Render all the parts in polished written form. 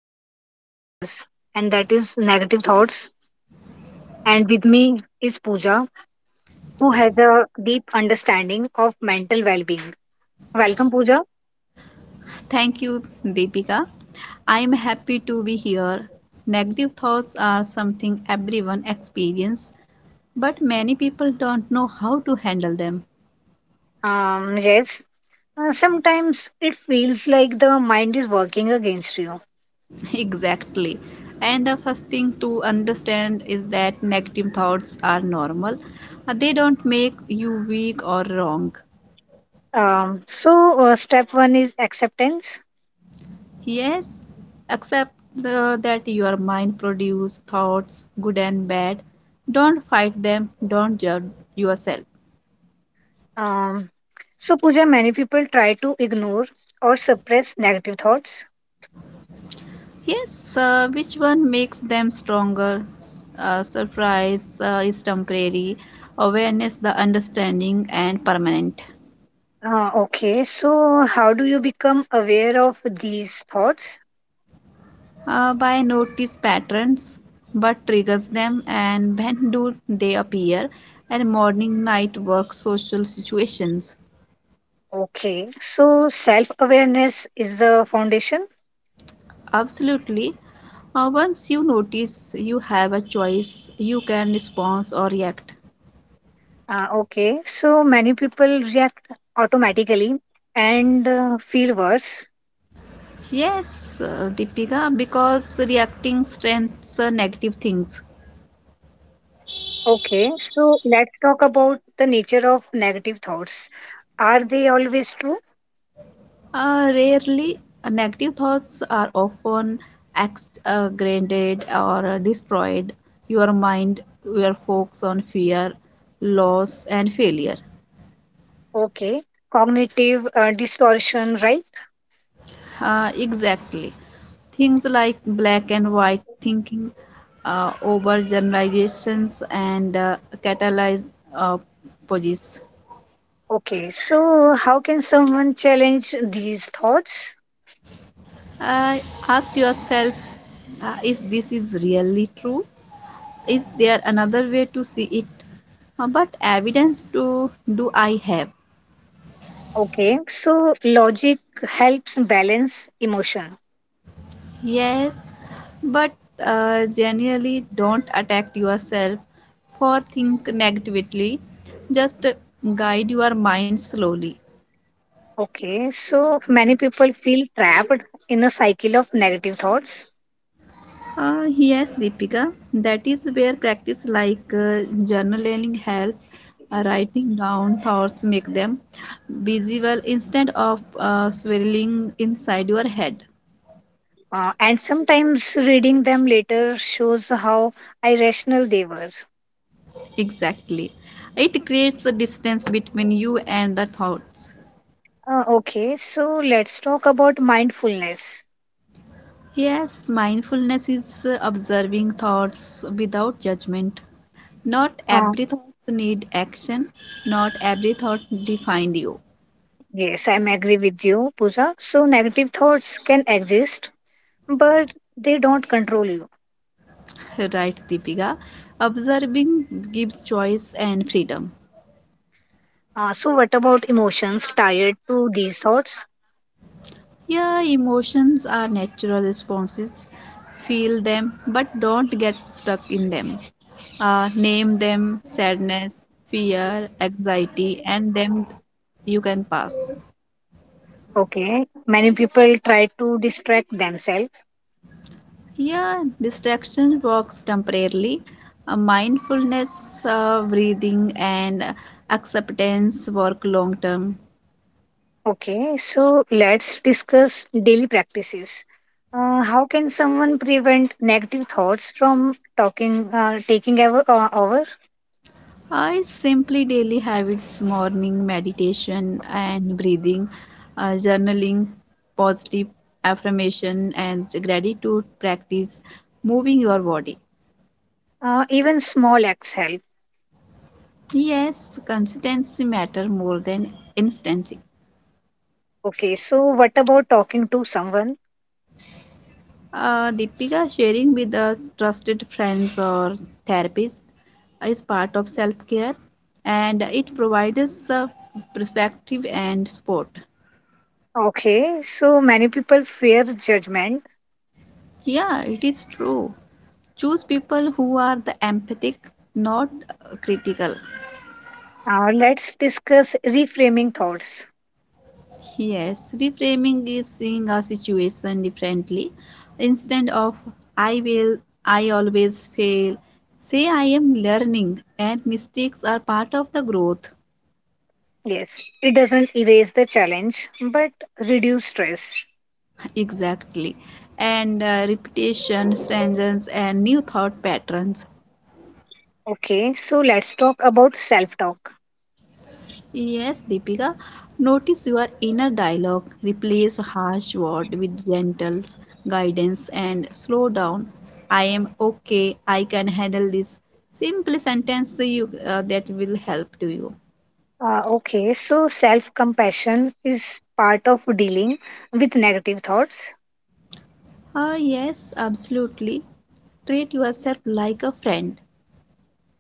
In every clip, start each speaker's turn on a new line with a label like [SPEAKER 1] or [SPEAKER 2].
[SPEAKER 1] affects all of us, and that is negative thoughts. And with me is Pooja, who has a deep understanding of mental well being. Welcome, Pooja.
[SPEAKER 2] Thank you, Deepika. I am happy to be here. Negative thoughts are something everyone experiences, but many people don't know how to handle them.
[SPEAKER 1] Yes, sometimes it feels like the mind is working against you.
[SPEAKER 2] Exactly. And the first thing to understand is that negative thoughts are normal. They don't make you weak or wrong.
[SPEAKER 1] Um, so, step one is acceptance.
[SPEAKER 2] Yes, except that your mind produces thoughts, good and bad. Don't fight them, don't judge yourself.
[SPEAKER 1] Um, so, Pooja, many people try to ignore or suppress negative thoughts.
[SPEAKER 2] Yes, which one makes them stronger? S- Surprise is temporary, awareness, the understanding, and permanent.
[SPEAKER 1] Okay, so how do you become aware of these thoughts?
[SPEAKER 2] By notice patterns, but triggers them, and when do they appear? And morning, night, work, social situations.
[SPEAKER 1] Okay, so self awareness is the foundation.
[SPEAKER 2] Absolutely. Once you notice you have a choice, you can respond or react.
[SPEAKER 1] Okay, so many people react automatically and feel worse.
[SPEAKER 2] Yes, Deepika, because reacting strengthens negative things.
[SPEAKER 1] Okay, so let's talk about the nature of negative thoughts. Are they always true?
[SPEAKER 2] Rarely, negative thoughts are often exaggerated or destroyed. Your mind will focus on fear, loss, and failure.
[SPEAKER 1] Okay, cognitive distortion, right?
[SPEAKER 2] Exactly. Things like black and white thinking, over generalizations, and catalyzed uh, poses.
[SPEAKER 1] Okay, so how can someone challenge these thoughts?
[SPEAKER 2] Uh, Ask yourself is this is really true, is there another way to see it? But evidence to do I have?
[SPEAKER 1] Okay, so logic helps balance emotion.
[SPEAKER 2] Yes, but generally don't attack yourself for think negatively, just guide your mind slowly.
[SPEAKER 1] Okay, so many people feel trapped in a cycle of negative thoughts,
[SPEAKER 2] Yes, Deepika, that is where practice like journaling help. Writing down thoughts make them visible instead of swirling inside your head.
[SPEAKER 1] and sometimes reading them later shows how irrational they were.
[SPEAKER 2] Exactly. It creates a distance between you and the thoughts.
[SPEAKER 1] Okay, so let's talk about mindfulness.
[SPEAKER 2] Yes, mindfulness is observing thoughts without judgment. Not
[SPEAKER 1] Uh,
[SPEAKER 2] every thoughts need action. Not every thought define you.
[SPEAKER 1] yes, I'm agree with you, Pooja. So negative thoughts can exist, but they don't control you.
[SPEAKER 2] Right, Deepika. Observing gives choice and freedom.
[SPEAKER 1] So, what about emotions tied to these thoughts?
[SPEAKER 2] Yeah, emotions are natural responses. Feel them, but don't get stuck in them. Name them sadness, fear, anxiety, and them you can pass.
[SPEAKER 1] Okay, many people try to distract themselves.
[SPEAKER 2] Yeah, distraction works temporarily. Mindfulness, breathing, and acceptance work long term.
[SPEAKER 1] Okay, so let's discuss daily practices. How can someone prevent negative thoughts from taking over?
[SPEAKER 2] I simply daily habits, morning meditation and breathing, journaling, positive affirmation, and gratitude practice, moving your body.
[SPEAKER 1] Even small acts help.
[SPEAKER 2] Yes, consistency matter more than instancy.
[SPEAKER 1] Okay, so what about talking to someone?
[SPEAKER 2] Deepika, sharing with a trusted friends or therapist is part of self care, and it provides us perspective and support.
[SPEAKER 1] Okay, so many people fear judgment.
[SPEAKER 2] Yeah, it is true. Choose people who are the empathic, not critical.
[SPEAKER 1] Let's discuss reframing thoughts.
[SPEAKER 2] Yes, reframing is seeing a situation differently. Instead of I will, I always fail, say I am learning and mistakes are part of the growth.
[SPEAKER 1] Yes, it doesn't erase the challenge but reduce stress.
[SPEAKER 2] Exactly. And repetition strengthens and new thought patterns.
[SPEAKER 1] Okay, so let's talk about self talk.
[SPEAKER 2] Yes, Deepika, notice your inner dialogue. Replace harsh word with gentle guidance and slow down. I am okay. I can handle this. Simple sentence you that will help to you.
[SPEAKER 1] Okay, so self compassion is part of dealing with negative thoughts.
[SPEAKER 2] Ah yes, absolutely. Treat yourself like a friend.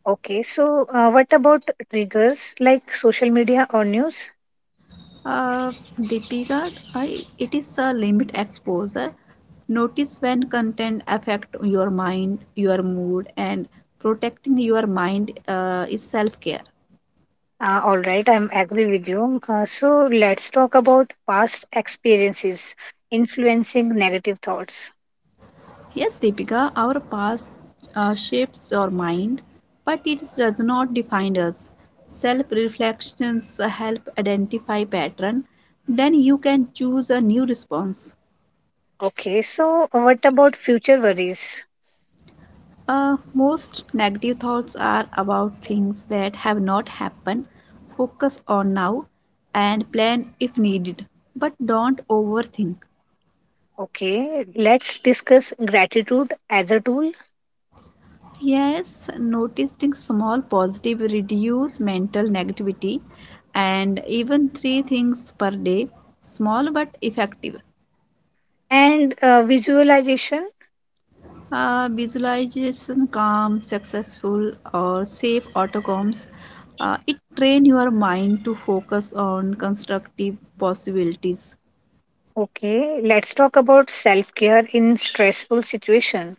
[SPEAKER 1] Okay, so what about triggers like social media or news?
[SPEAKER 2] Uh, Deepika, I, it is a limit exposure. Notice when content affect your mind, your mood, and protecting your mind is self-care.
[SPEAKER 1] All right, I'm agree with you. So let's talk about past experiences influencing negative thoughts.
[SPEAKER 2] Yes, Deepika, our past shapes our mind, but it does not define us. Self-reflections help identify pattern. Then you can choose a new response.
[SPEAKER 1] Okay, so what about future worries?
[SPEAKER 2] Most negative thoughts are about things that have not happened. Focus on now and plan if needed, but don't overthink.
[SPEAKER 1] Okay, let's discuss gratitude as a tool
[SPEAKER 2] Yes, noticing small positive reduce mental negativity and even three things per day, small but effective.
[SPEAKER 1] and visualization.
[SPEAKER 2] Visualization calm, successful, or safe outcomes. It trains your mind to focus on constructive possibilities.
[SPEAKER 1] Okay, let's talk about self care in stressful situation.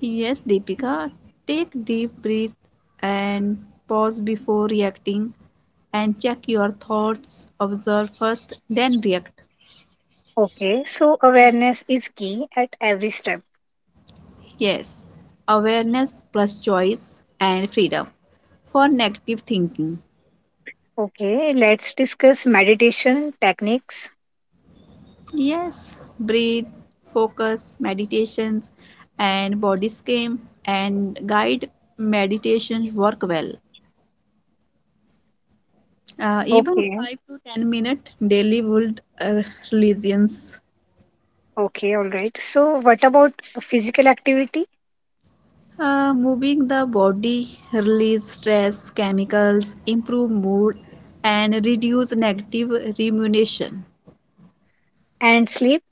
[SPEAKER 2] Yes, Deepika, take deep breath and pause before reacting and check your thoughts, observe first, then react.
[SPEAKER 1] Okay, so awareness is key at every step.
[SPEAKER 2] Yes, awareness plus choice and freedom for negative thinking.
[SPEAKER 1] Okay, let's discuss meditation techniques.
[SPEAKER 2] Yes, breathe, focus, meditations, and body scan and guide meditations work well. Even
[SPEAKER 1] Okay,
[SPEAKER 2] 5 to 10 minute daily would religions.
[SPEAKER 1] okay, all right. So, what about physical activity
[SPEAKER 2] Moving the body release stress chemicals, improve mood, and reduce negative rumination.
[SPEAKER 1] and sleep?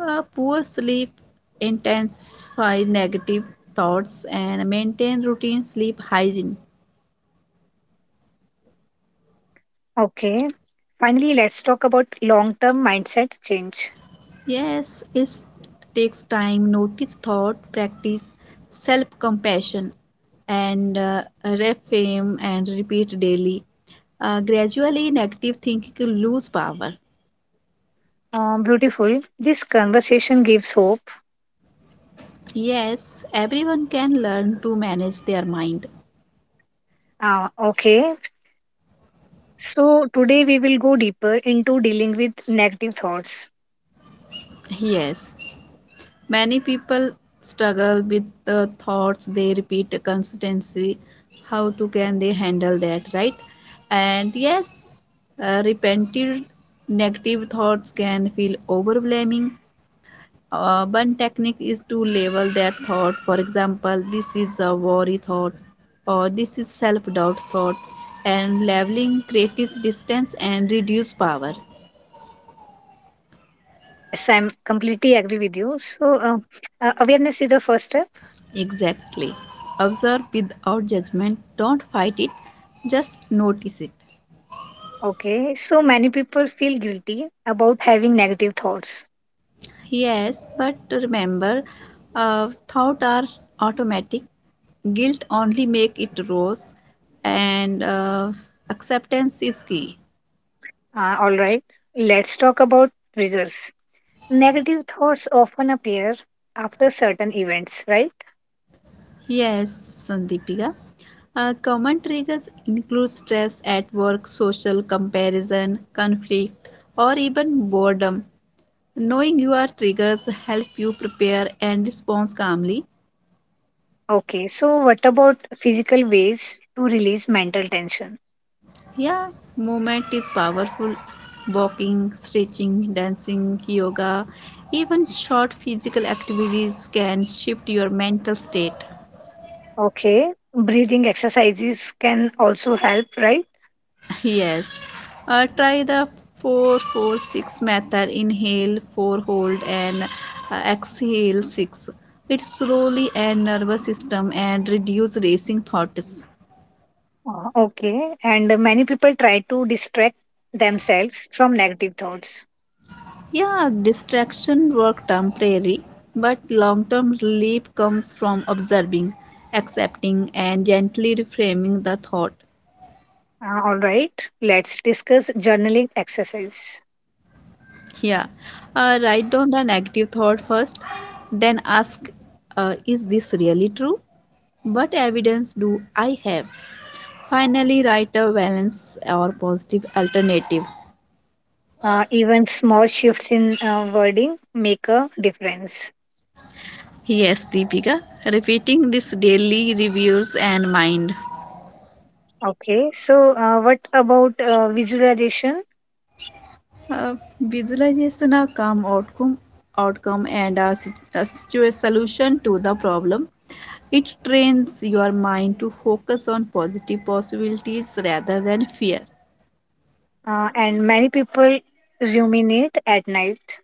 [SPEAKER 2] Poor sleep intensify negative thoughts and maintain routine sleep hygiene.
[SPEAKER 1] Okay, finally, let's talk about long term mindset change.
[SPEAKER 2] Yes, it takes time, notice, thought, practice, self compassion, and reframe and repeat daily. Gradually, negative thinking will lose power.
[SPEAKER 1] Beautiful. This conversation gives hope.
[SPEAKER 2] Yes, everyone can learn to manage their mind.
[SPEAKER 1] Okay, so today we will go deeper into dealing with negative thoughts.
[SPEAKER 2] Yes. Many people struggle with the thoughts they repeat constantly. How to can they handle that, right? And yes, repented negative thoughts can feel overwhelming. One technique is to label that thought. For example, this is a worry thought, or this is self doubt thought, and labeling creates distance and reduce power.
[SPEAKER 1] Yes, I'm completely agree with you. So, uh, awareness is the first step.
[SPEAKER 2] Exactly. Observe without judgment. Don't fight it, just notice it.
[SPEAKER 1] Okay, so many people feel guilty about having negative thoughts.
[SPEAKER 2] Yes, but remember, thought are automatic. Guilt only make it rose, and acceptance is key.
[SPEAKER 1] All right, let's talk about triggers. Negative thoughts often appear after certain events, right?
[SPEAKER 2] Yes, Sandeepika. Common triggers include stress at work, social comparison, conflict, or even boredom. Knowing your triggers help you prepare and respond calmly.
[SPEAKER 1] Okay, so what about physical ways to release mental tension?
[SPEAKER 2] Yeah, movement is powerful. Walking, stretching, dancing, yoga, even short physical activities can shift your mental state.
[SPEAKER 1] Okay, breathing exercises can also help, right?
[SPEAKER 2] Yes, try the 446 method, inhale 4, hold, and exhale 6. It slowly and nervous system and reduce racing thoughts.
[SPEAKER 1] Okay, and many people try to distract themselves from negative thoughts.
[SPEAKER 2] Yeah, distraction work temporary, but long-term relief comes from observing, accepting, and gently reframing the thought.
[SPEAKER 1] All right, let's discuss journaling exercise.
[SPEAKER 2] Yeah, write down the negative thought first, then ask, is this really true? What evidence do I have? Finally, write a balance or positive alternative.
[SPEAKER 1] Even small shifts in wording make a difference.
[SPEAKER 2] Yes, Deepika, repeating this daily reviews and mind.
[SPEAKER 1] Okay, so what about visualization?
[SPEAKER 2] Visualization a calm outcome and a solution to the problem. It trains your mind to focus on positive possibilities rather than fear.
[SPEAKER 1] And many people ruminate at night.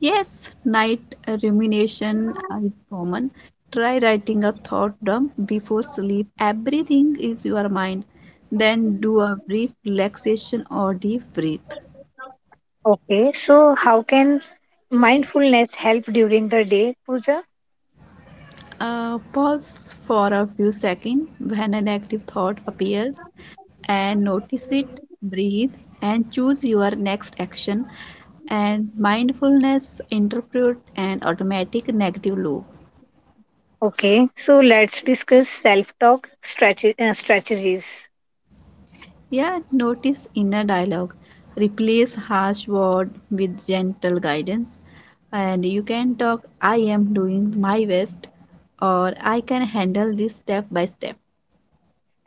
[SPEAKER 2] Yes, night rumination is common. Try writing a thought dump before sleep, everything is your mind, then do a brief relaxation or deep breath.
[SPEAKER 1] Okay, so how can mindfulness help during the day, Pooja?
[SPEAKER 2] Pause for a few seconds when a negative thought appears and notice it, breathe, and choose your next action. And mindfulness interrupt an automatic negative loop.
[SPEAKER 1] Okay, so let's discuss self talk strategies
[SPEAKER 2] Yeah, notice inner dialogue. Replace harsh word with gentle guidance. And you can talk I am doing my best or I can handle this step by step.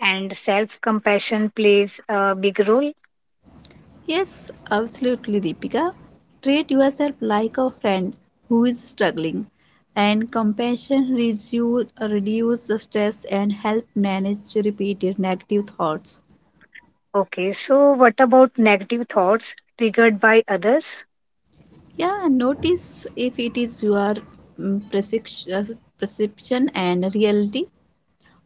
[SPEAKER 1] and self compassion plays a big role.
[SPEAKER 2] Yes, absolutely, Deepika. Treat yourself like a friend who is struggling, and compassion reduce the stress and help manage repeated negative thoughts.
[SPEAKER 1] Okay, so what about negative thoughts triggered by others?
[SPEAKER 2] Yeah, notice if it is your mm, percep- uh, perception and reality.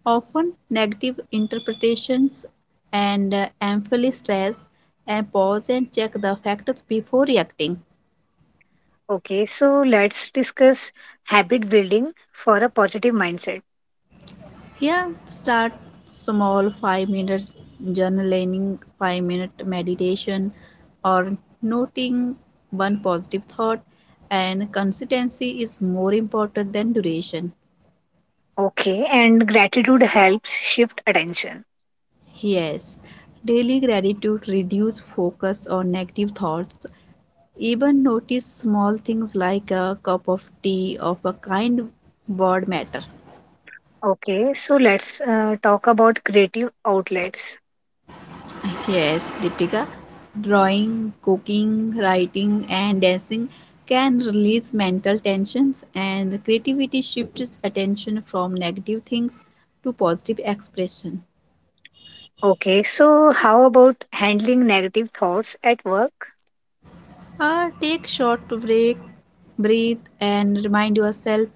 [SPEAKER 2] Often, negative interpretations and ample stress, and pause and check the factors before reacting.
[SPEAKER 1] Okay, so let's discuss habit building for a positive mindset.
[SPEAKER 2] Yeah, start small, 5-minute journaling, 5-minute meditation, or noting one positive thought. And consistency is more important than duration.
[SPEAKER 1] Okay, and gratitude helps shift attention.
[SPEAKER 2] Yes, daily gratitude reduce focus on negative thoughts. Even notice small things like a cup of tea of a kind word matter.
[SPEAKER 1] Okay, so let's talk about creative outlets.
[SPEAKER 2] Yes, Deepika. Drawing, cooking, writing, and dancing can release mental tensions, and the creativity shifts attention from negative things to positive expression.
[SPEAKER 1] Okay, so how about handling negative thoughts at work?
[SPEAKER 2] Take short break, breathe, and remind yourself.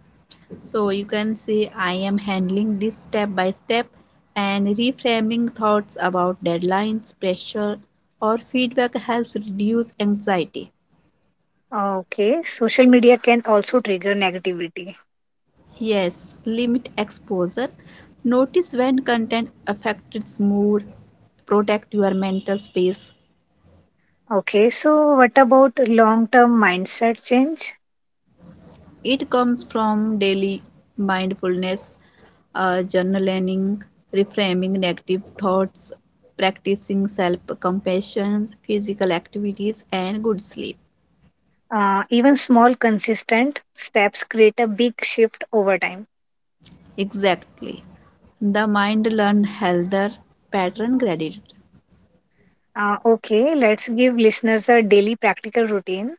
[SPEAKER 2] So you can say, "I am handling this step by step," and reframing thoughts about deadlines, pressure, or feedback helps reduce anxiety.
[SPEAKER 1] Okay, social media can also trigger negativity.
[SPEAKER 2] Yes, limit exposure. Notice when content affects its mood. Protect your mental space.
[SPEAKER 1] Okay, so what about long term mindset change?
[SPEAKER 2] It comes from daily mindfulness, journaling, reframing negative thoughts, practicing self compassion, physical activities, and good sleep.
[SPEAKER 1] Even small, consistent steps create a big shift over time.
[SPEAKER 2] Exactly. The mind learns healthier pattern gratitude.
[SPEAKER 1] Okay, let's give listeners a daily practical routine.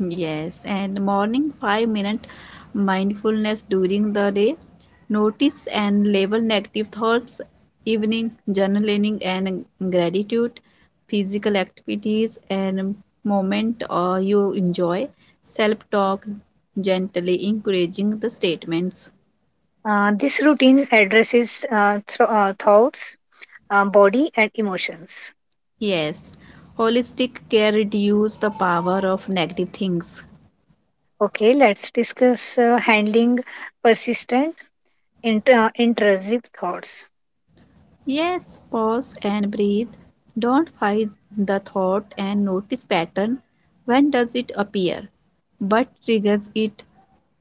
[SPEAKER 2] Yes, and morning 5-minute mindfulness during the day, notice and label negative thoughts, evening journaling and gratitude, physical activities and moment or you enjoy, self talk, gently encouraging the statements.
[SPEAKER 1] This routine addresses thro thoughts, body, and emotions.
[SPEAKER 2] Yes, holistic care reduce the power of negative things.
[SPEAKER 1] Okay, let's discuss handling persistent, intrusive thoughts.
[SPEAKER 2] Yes, pause and breathe. Don't fight the thought and notice pattern. When does it appear? What triggers it?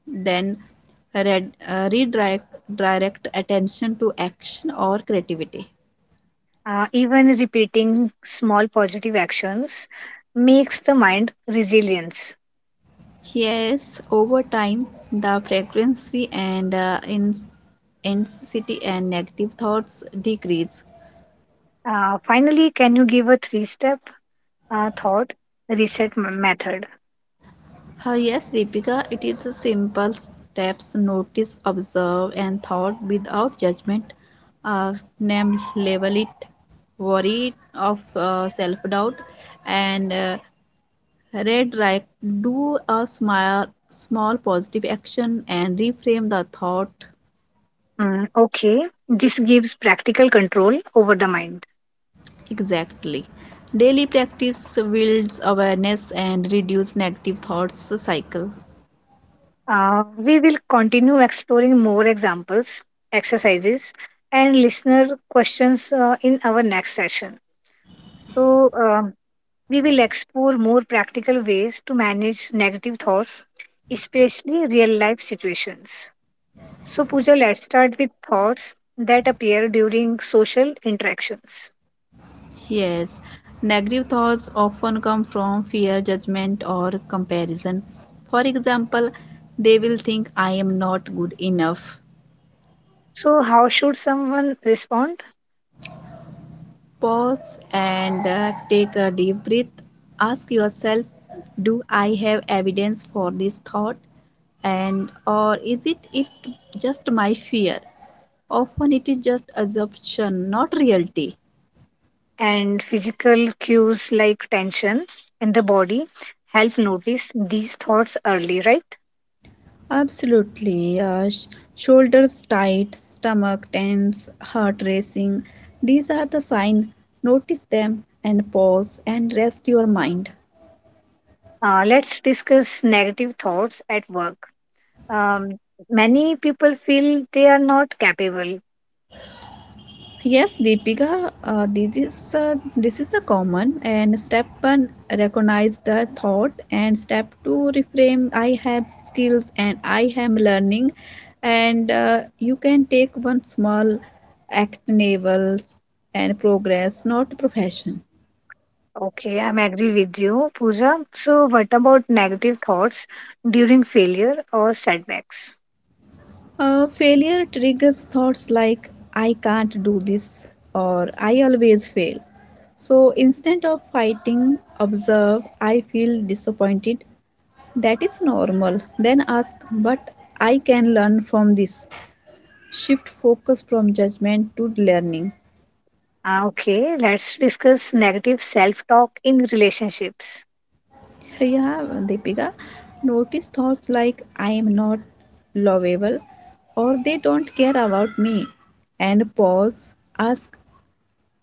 [SPEAKER 2] Then redirect direct attention to action or creativity.
[SPEAKER 1] Even repeating small positive actions makes the mind resilience.
[SPEAKER 2] Yes, over time, the frequency and in intensity and negative thoughts decrease.
[SPEAKER 1] Finally, can you give a three step thought reset method?
[SPEAKER 2] Yes, Deepika, it is a simple steps notice, observe, and thought without judgment. Uh, Name, label it, worry it of self doubt, and redirect. Do a small, small positive action and reframe the thought.
[SPEAKER 1] Mm, okay, this gives practical control over the mind.
[SPEAKER 2] Exactly. Daily practice builds awareness and reduce negative thoughts cycle.
[SPEAKER 1] We will continue exploring more examples, exercises, and listener questions in our next session. So, we will explore more practical ways to manage negative thoughts, especially real life situations. So, Pooja, let's start with thoughts that appear during social interactions.
[SPEAKER 2] Yes, negative thoughts often come from fear, judgment, or comparison. For example, they will think, I am not good enough.
[SPEAKER 1] So, how should someone respond?
[SPEAKER 2] Pause and take a deep breath. Ask yourself, do I have evidence for this thought? And or is it just my fear? Often it is just assumption, not reality.
[SPEAKER 1] And physical cues like tension in the body help notice these thoughts early, right?
[SPEAKER 2] Absolutely. Shoulders tight, stomach tense, heart racing. These are the sign. Notice them and pause and rest your mind.
[SPEAKER 1] Let's discuss negative thoughts at work. Um, many people feel they are not capable.
[SPEAKER 2] Yes, Deepika, this is the common. And step one, recognize the thought. And step two, reframe. I have skills and I am learning. And you can take one small act, enable and progress, not profession.
[SPEAKER 1] Okay, I'm agree with you, Pooja. So, what about negative thoughts during failure or setbacks?
[SPEAKER 2] Failure triggers thoughts like, I can't do this, or I always fail. So instead of fighting, observe, I feel disappointed. That is normal. Then ask, but I can learn from this. Shift focus from judgment to learning.
[SPEAKER 1] Okay, let's discuss negative self-talk in relationships.
[SPEAKER 2] Yeah, Deepika. Notice thoughts like, I am not lovable, or they don't care about me. And pause, ask,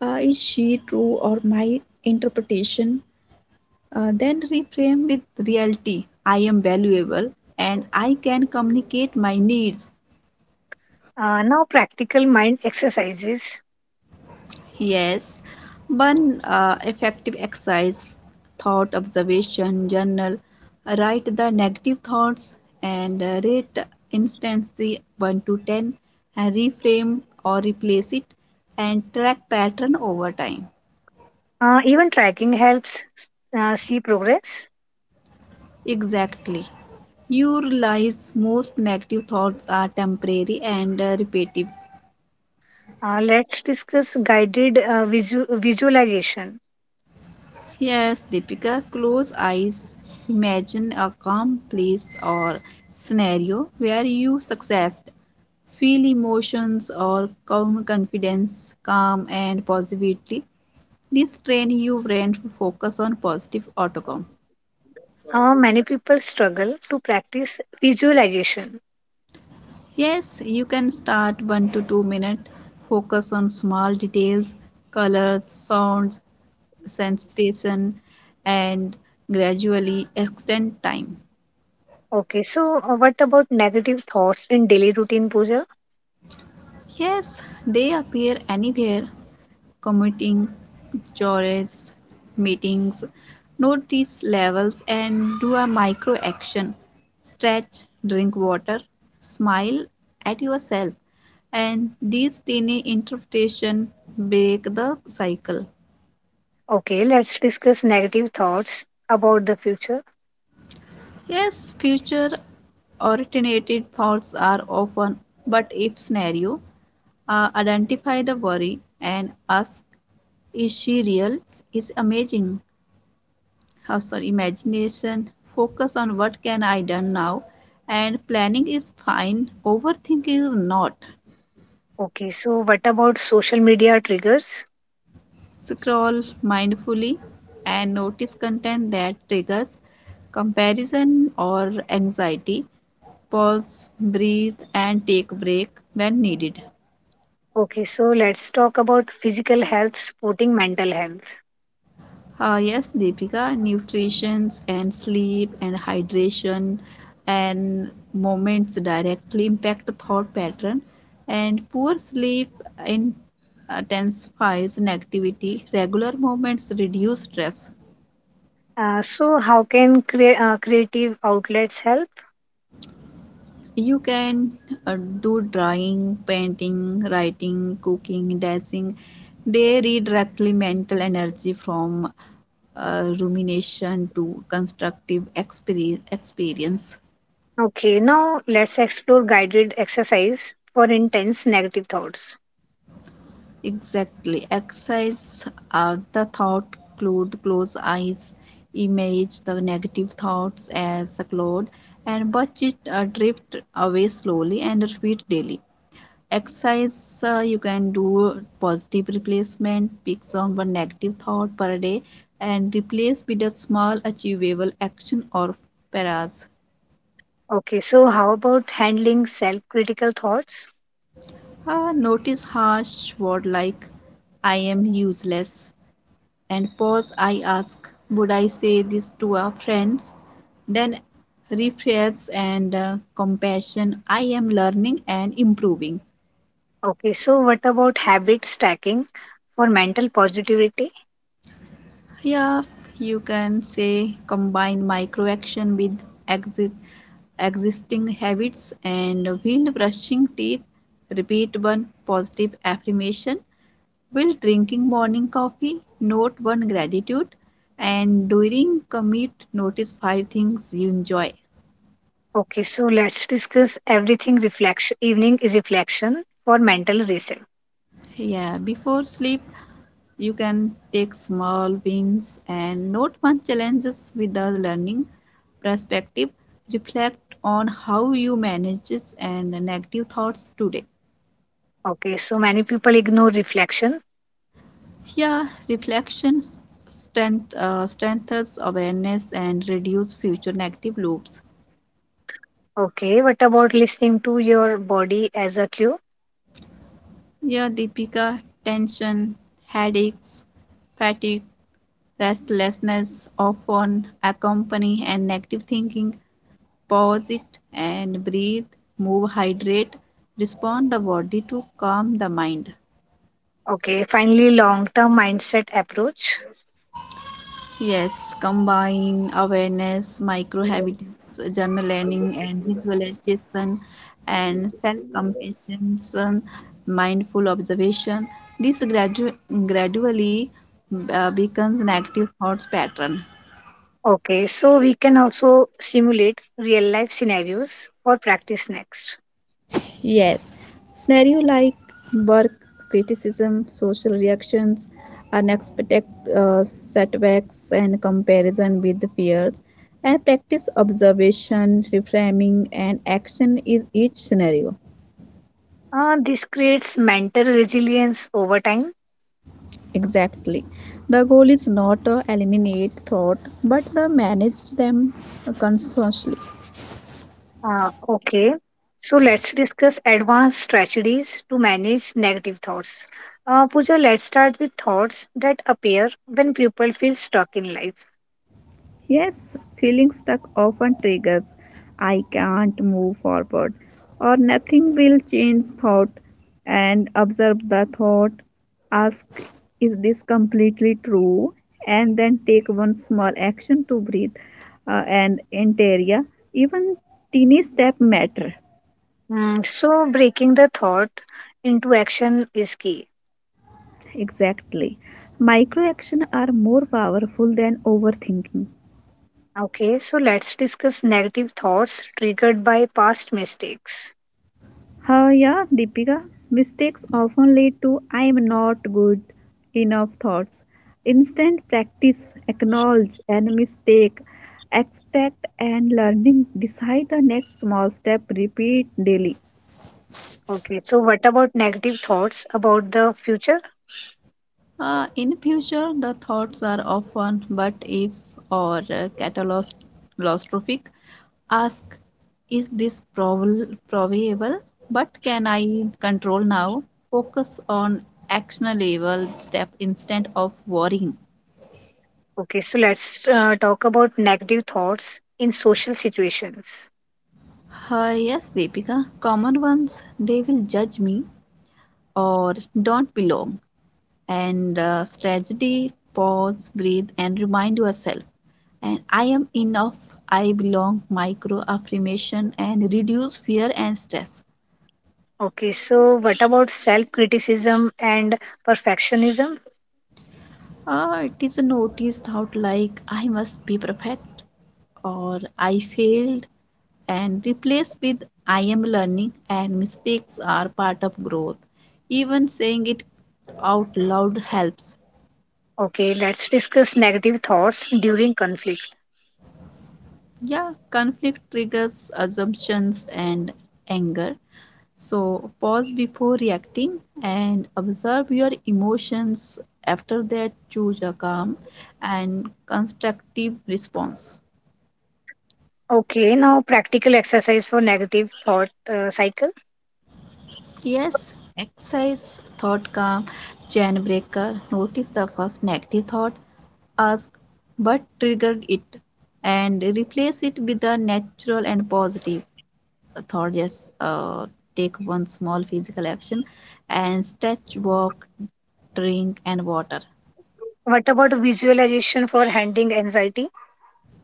[SPEAKER 2] is she true or my interpretation? Then reframe with reality. I am valuable and I can communicate my needs.
[SPEAKER 1] Now, practical mind exercises.
[SPEAKER 2] Yes, one effective exercise thought observation journal. Write the negative thoughts and rate instancy 1 to 10 and reframe or replace it and track pattern over time.
[SPEAKER 1] Uh, even tracking helps see progress.
[SPEAKER 2] Exactly. You realize most negative thoughts are temporary and repetitive.
[SPEAKER 1] Uh, let's discuss guided visualization.
[SPEAKER 2] Yes, Deepika, close eyes. Imagine a calm place or scenario where you success. Feel emotions or calm confidence, calm and positivity. This train you brain to focus on positive outcome.
[SPEAKER 1] Many people struggle to practice visualization.
[SPEAKER 2] Yes, you can start 1 to 2 minute. Focus on small details, colors, sounds, sensation and gradually extend time.
[SPEAKER 1] Okay, so what about negative thoughts in daily routine, Pooja?
[SPEAKER 2] Yes, they appear anywhere, commuting, chores, meetings, notice levels and do a micro action. Stretch, drink water, smile at yourself. And these tiny interpretation break the cycle.
[SPEAKER 1] Okay, let's discuss negative thoughts about the future.
[SPEAKER 2] Yes, future originated thoughts are often but if scenario, identify the worry and ask, is she real, is amazing, sorry imagination, focus on what can I done now, and planning is fine, overthinking is not.
[SPEAKER 1] Okay, so what about social media triggers?
[SPEAKER 2] Scroll mindfully and notice content that triggers comparison or anxiety. Pause, breathe and take a break when needed.
[SPEAKER 1] Okay, so let's talk about physical health supporting mental health.
[SPEAKER 2] Yes, Deepika, nutrition and sleep and hydration and moments directly impact the thought pattern, and poor sleep intensifies negativity. Regular movements reduce stress.
[SPEAKER 1] Uh, so, how can creative outlets help?
[SPEAKER 2] You can do drawing, painting, writing, cooking, dancing. They redirect mental energy from rumination to constructive experience.
[SPEAKER 1] Okay, now let's explore guided exercise for intense negative thoughts.
[SPEAKER 2] Exactly. Exercise, the thought cloud, close eyes, image the negative thoughts as a cloud, and watch it drift away slowly and repeat daily. Exercise, you can do positive replacement, picks on one negative thought per day, and replace with a small achievable action or paras.
[SPEAKER 1] Okay, so how about handling self critical thoughts?
[SPEAKER 2] Notice harsh word like I am useless and pause, I ask, would I say this to our friends? Then refresh and compassion, I am learning and improving.
[SPEAKER 1] Okay, so what about habit stacking for mental positivity?
[SPEAKER 2] Yeah, you can say combine micro action with exit existing habits, and while brushing teeth, repeat one positive affirmation. While drinking morning coffee, note one gratitude. And during commute, notice five things you enjoy.
[SPEAKER 1] Okay, so let's discuss everything reflection evening is reflection for mental reset.
[SPEAKER 2] Yeah, before sleep, you can take small wins and note one challenges with the learning perspective. Reflect on how you manage it and negative thoughts today.
[SPEAKER 1] Okay, so many people ignore reflection.
[SPEAKER 2] Yeah, reflections strengthens awareness and reduce future negative loops.
[SPEAKER 1] Okay, what about listening to your body as a cue?
[SPEAKER 2] Yeah, Deepika, tension, headaches, fatigue, restlessness often accompany and negative thinking. Pause it and breathe, move, hydrate, respond the body to calm the mind.
[SPEAKER 1] Okay, finally long term mindset approach.
[SPEAKER 2] Yes, combine awareness, micro habits, journaling and visualization, and self compassion, mindful observation. This gradually becomes an active thoughts pattern.
[SPEAKER 1] Okay, so we can also simulate real life scenarios for practice next.
[SPEAKER 2] Yes, scenario like work criticism, social reactions, unexpected setbacks, and comparison with fears, and practice observation, reframing, and action is each scenario.
[SPEAKER 1] This creates mental resilience over time.
[SPEAKER 2] Exactly. The goal is not to eliminate thought, but to manage them consciously.
[SPEAKER 1] Okay, so let's discuss advanced strategies to manage negative thoughts. Pooja, let's start with thoughts that appear when people feel stuck in life.
[SPEAKER 2] Yes, feeling stuck often triggers I can't move forward or nothing will change thought, and observe the thought, ask, is this completely true, and then take one small action to breathe, and interior, even teeny step matter.
[SPEAKER 1] Mm, so, breaking the thought into action is key.
[SPEAKER 2] Exactly, micro action are more powerful than overthinking.
[SPEAKER 1] Okay, so let's discuss negative thoughts triggered by past mistakes.
[SPEAKER 2] Yeah, Deepika, mistakes often lead to I am not good enough thoughts. Instant practice, acknowledge and mistake, extract and learning, decide the next small step, repeat daily.
[SPEAKER 1] Okay, so what about negative thoughts about the future?
[SPEAKER 2] In future, the thoughts are often but if, or catastrophic. Ask, is this probable? But can I control now? Focus on actionable step instead of worrying.
[SPEAKER 1] Okay, so let's talk about negative thoughts in social situations.
[SPEAKER 2] Yes, Deepika, common ones, they will judge me or don't belong. And strategy, pause, breathe and remind yourself, and I am enough, I belong, micro affirmation, and reduce fear and stress.
[SPEAKER 1] Okay, so what about self criticism and perfectionism?
[SPEAKER 2] It is a notice thought like I must be perfect or I failed, and replace with I am learning and mistakes are part of growth. Even saying it out loud helps.
[SPEAKER 1] Okay, let's discuss negative thoughts during conflict.
[SPEAKER 2] Yeah, conflict triggers assumptions and anger. So pause before reacting and observe your emotions. After that, choose a calm and constructive response.
[SPEAKER 1] Okay, now practical exercise for negative thought cycle.
[SPEAKER 2] Yes, exercise thought calm, chain breaker. Notice the first negative thought, ask but triggered it, and replace it with a natural and positive thought. Just take one small physical action and stretch, walk, drink, and water.
[SPEAKER 1] What about visualization for handling anxiety?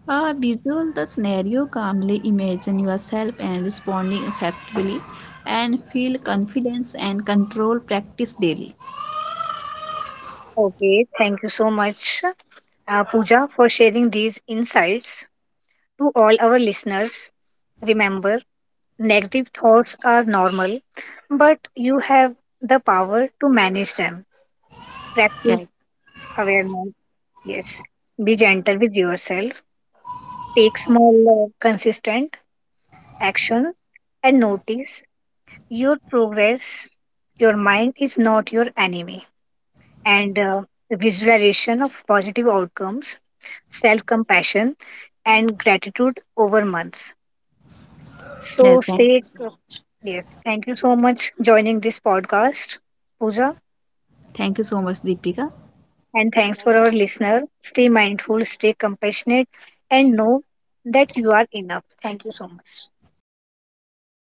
[SPEAKER 2] Visual the scenario calmly, imagine yourself and responding effectively, and feel confidence and control, practice daily.
[SPEAKER 1] Okay, thank you so much, Pooja, for sharing these insights to all our listeners. Remember, negative thoughts are normal, but you have the power to manage them. Practice
[SPEAKER 2] Yes.
[SPEAKER 1] awareness. Yes, be gentle with yourself. Take small, consistent action and notice your progress. Your mind is not your enemy. And visualization of positive outcomes, self compassion, and gratitude over months. So,
[SPEAKER 2] Yes,
[SPEAKER 1] stay. Yeah. Thank you so much joining this podcast, Pooja.
[SPEAKER 2] thank you so much, Deepika.
[SPEAKER 1] And thanks for our listener. Stay mindful, stay compassionate, and know that you are enough. Thank you so much.
[SPEAKER 2] Thank you so much.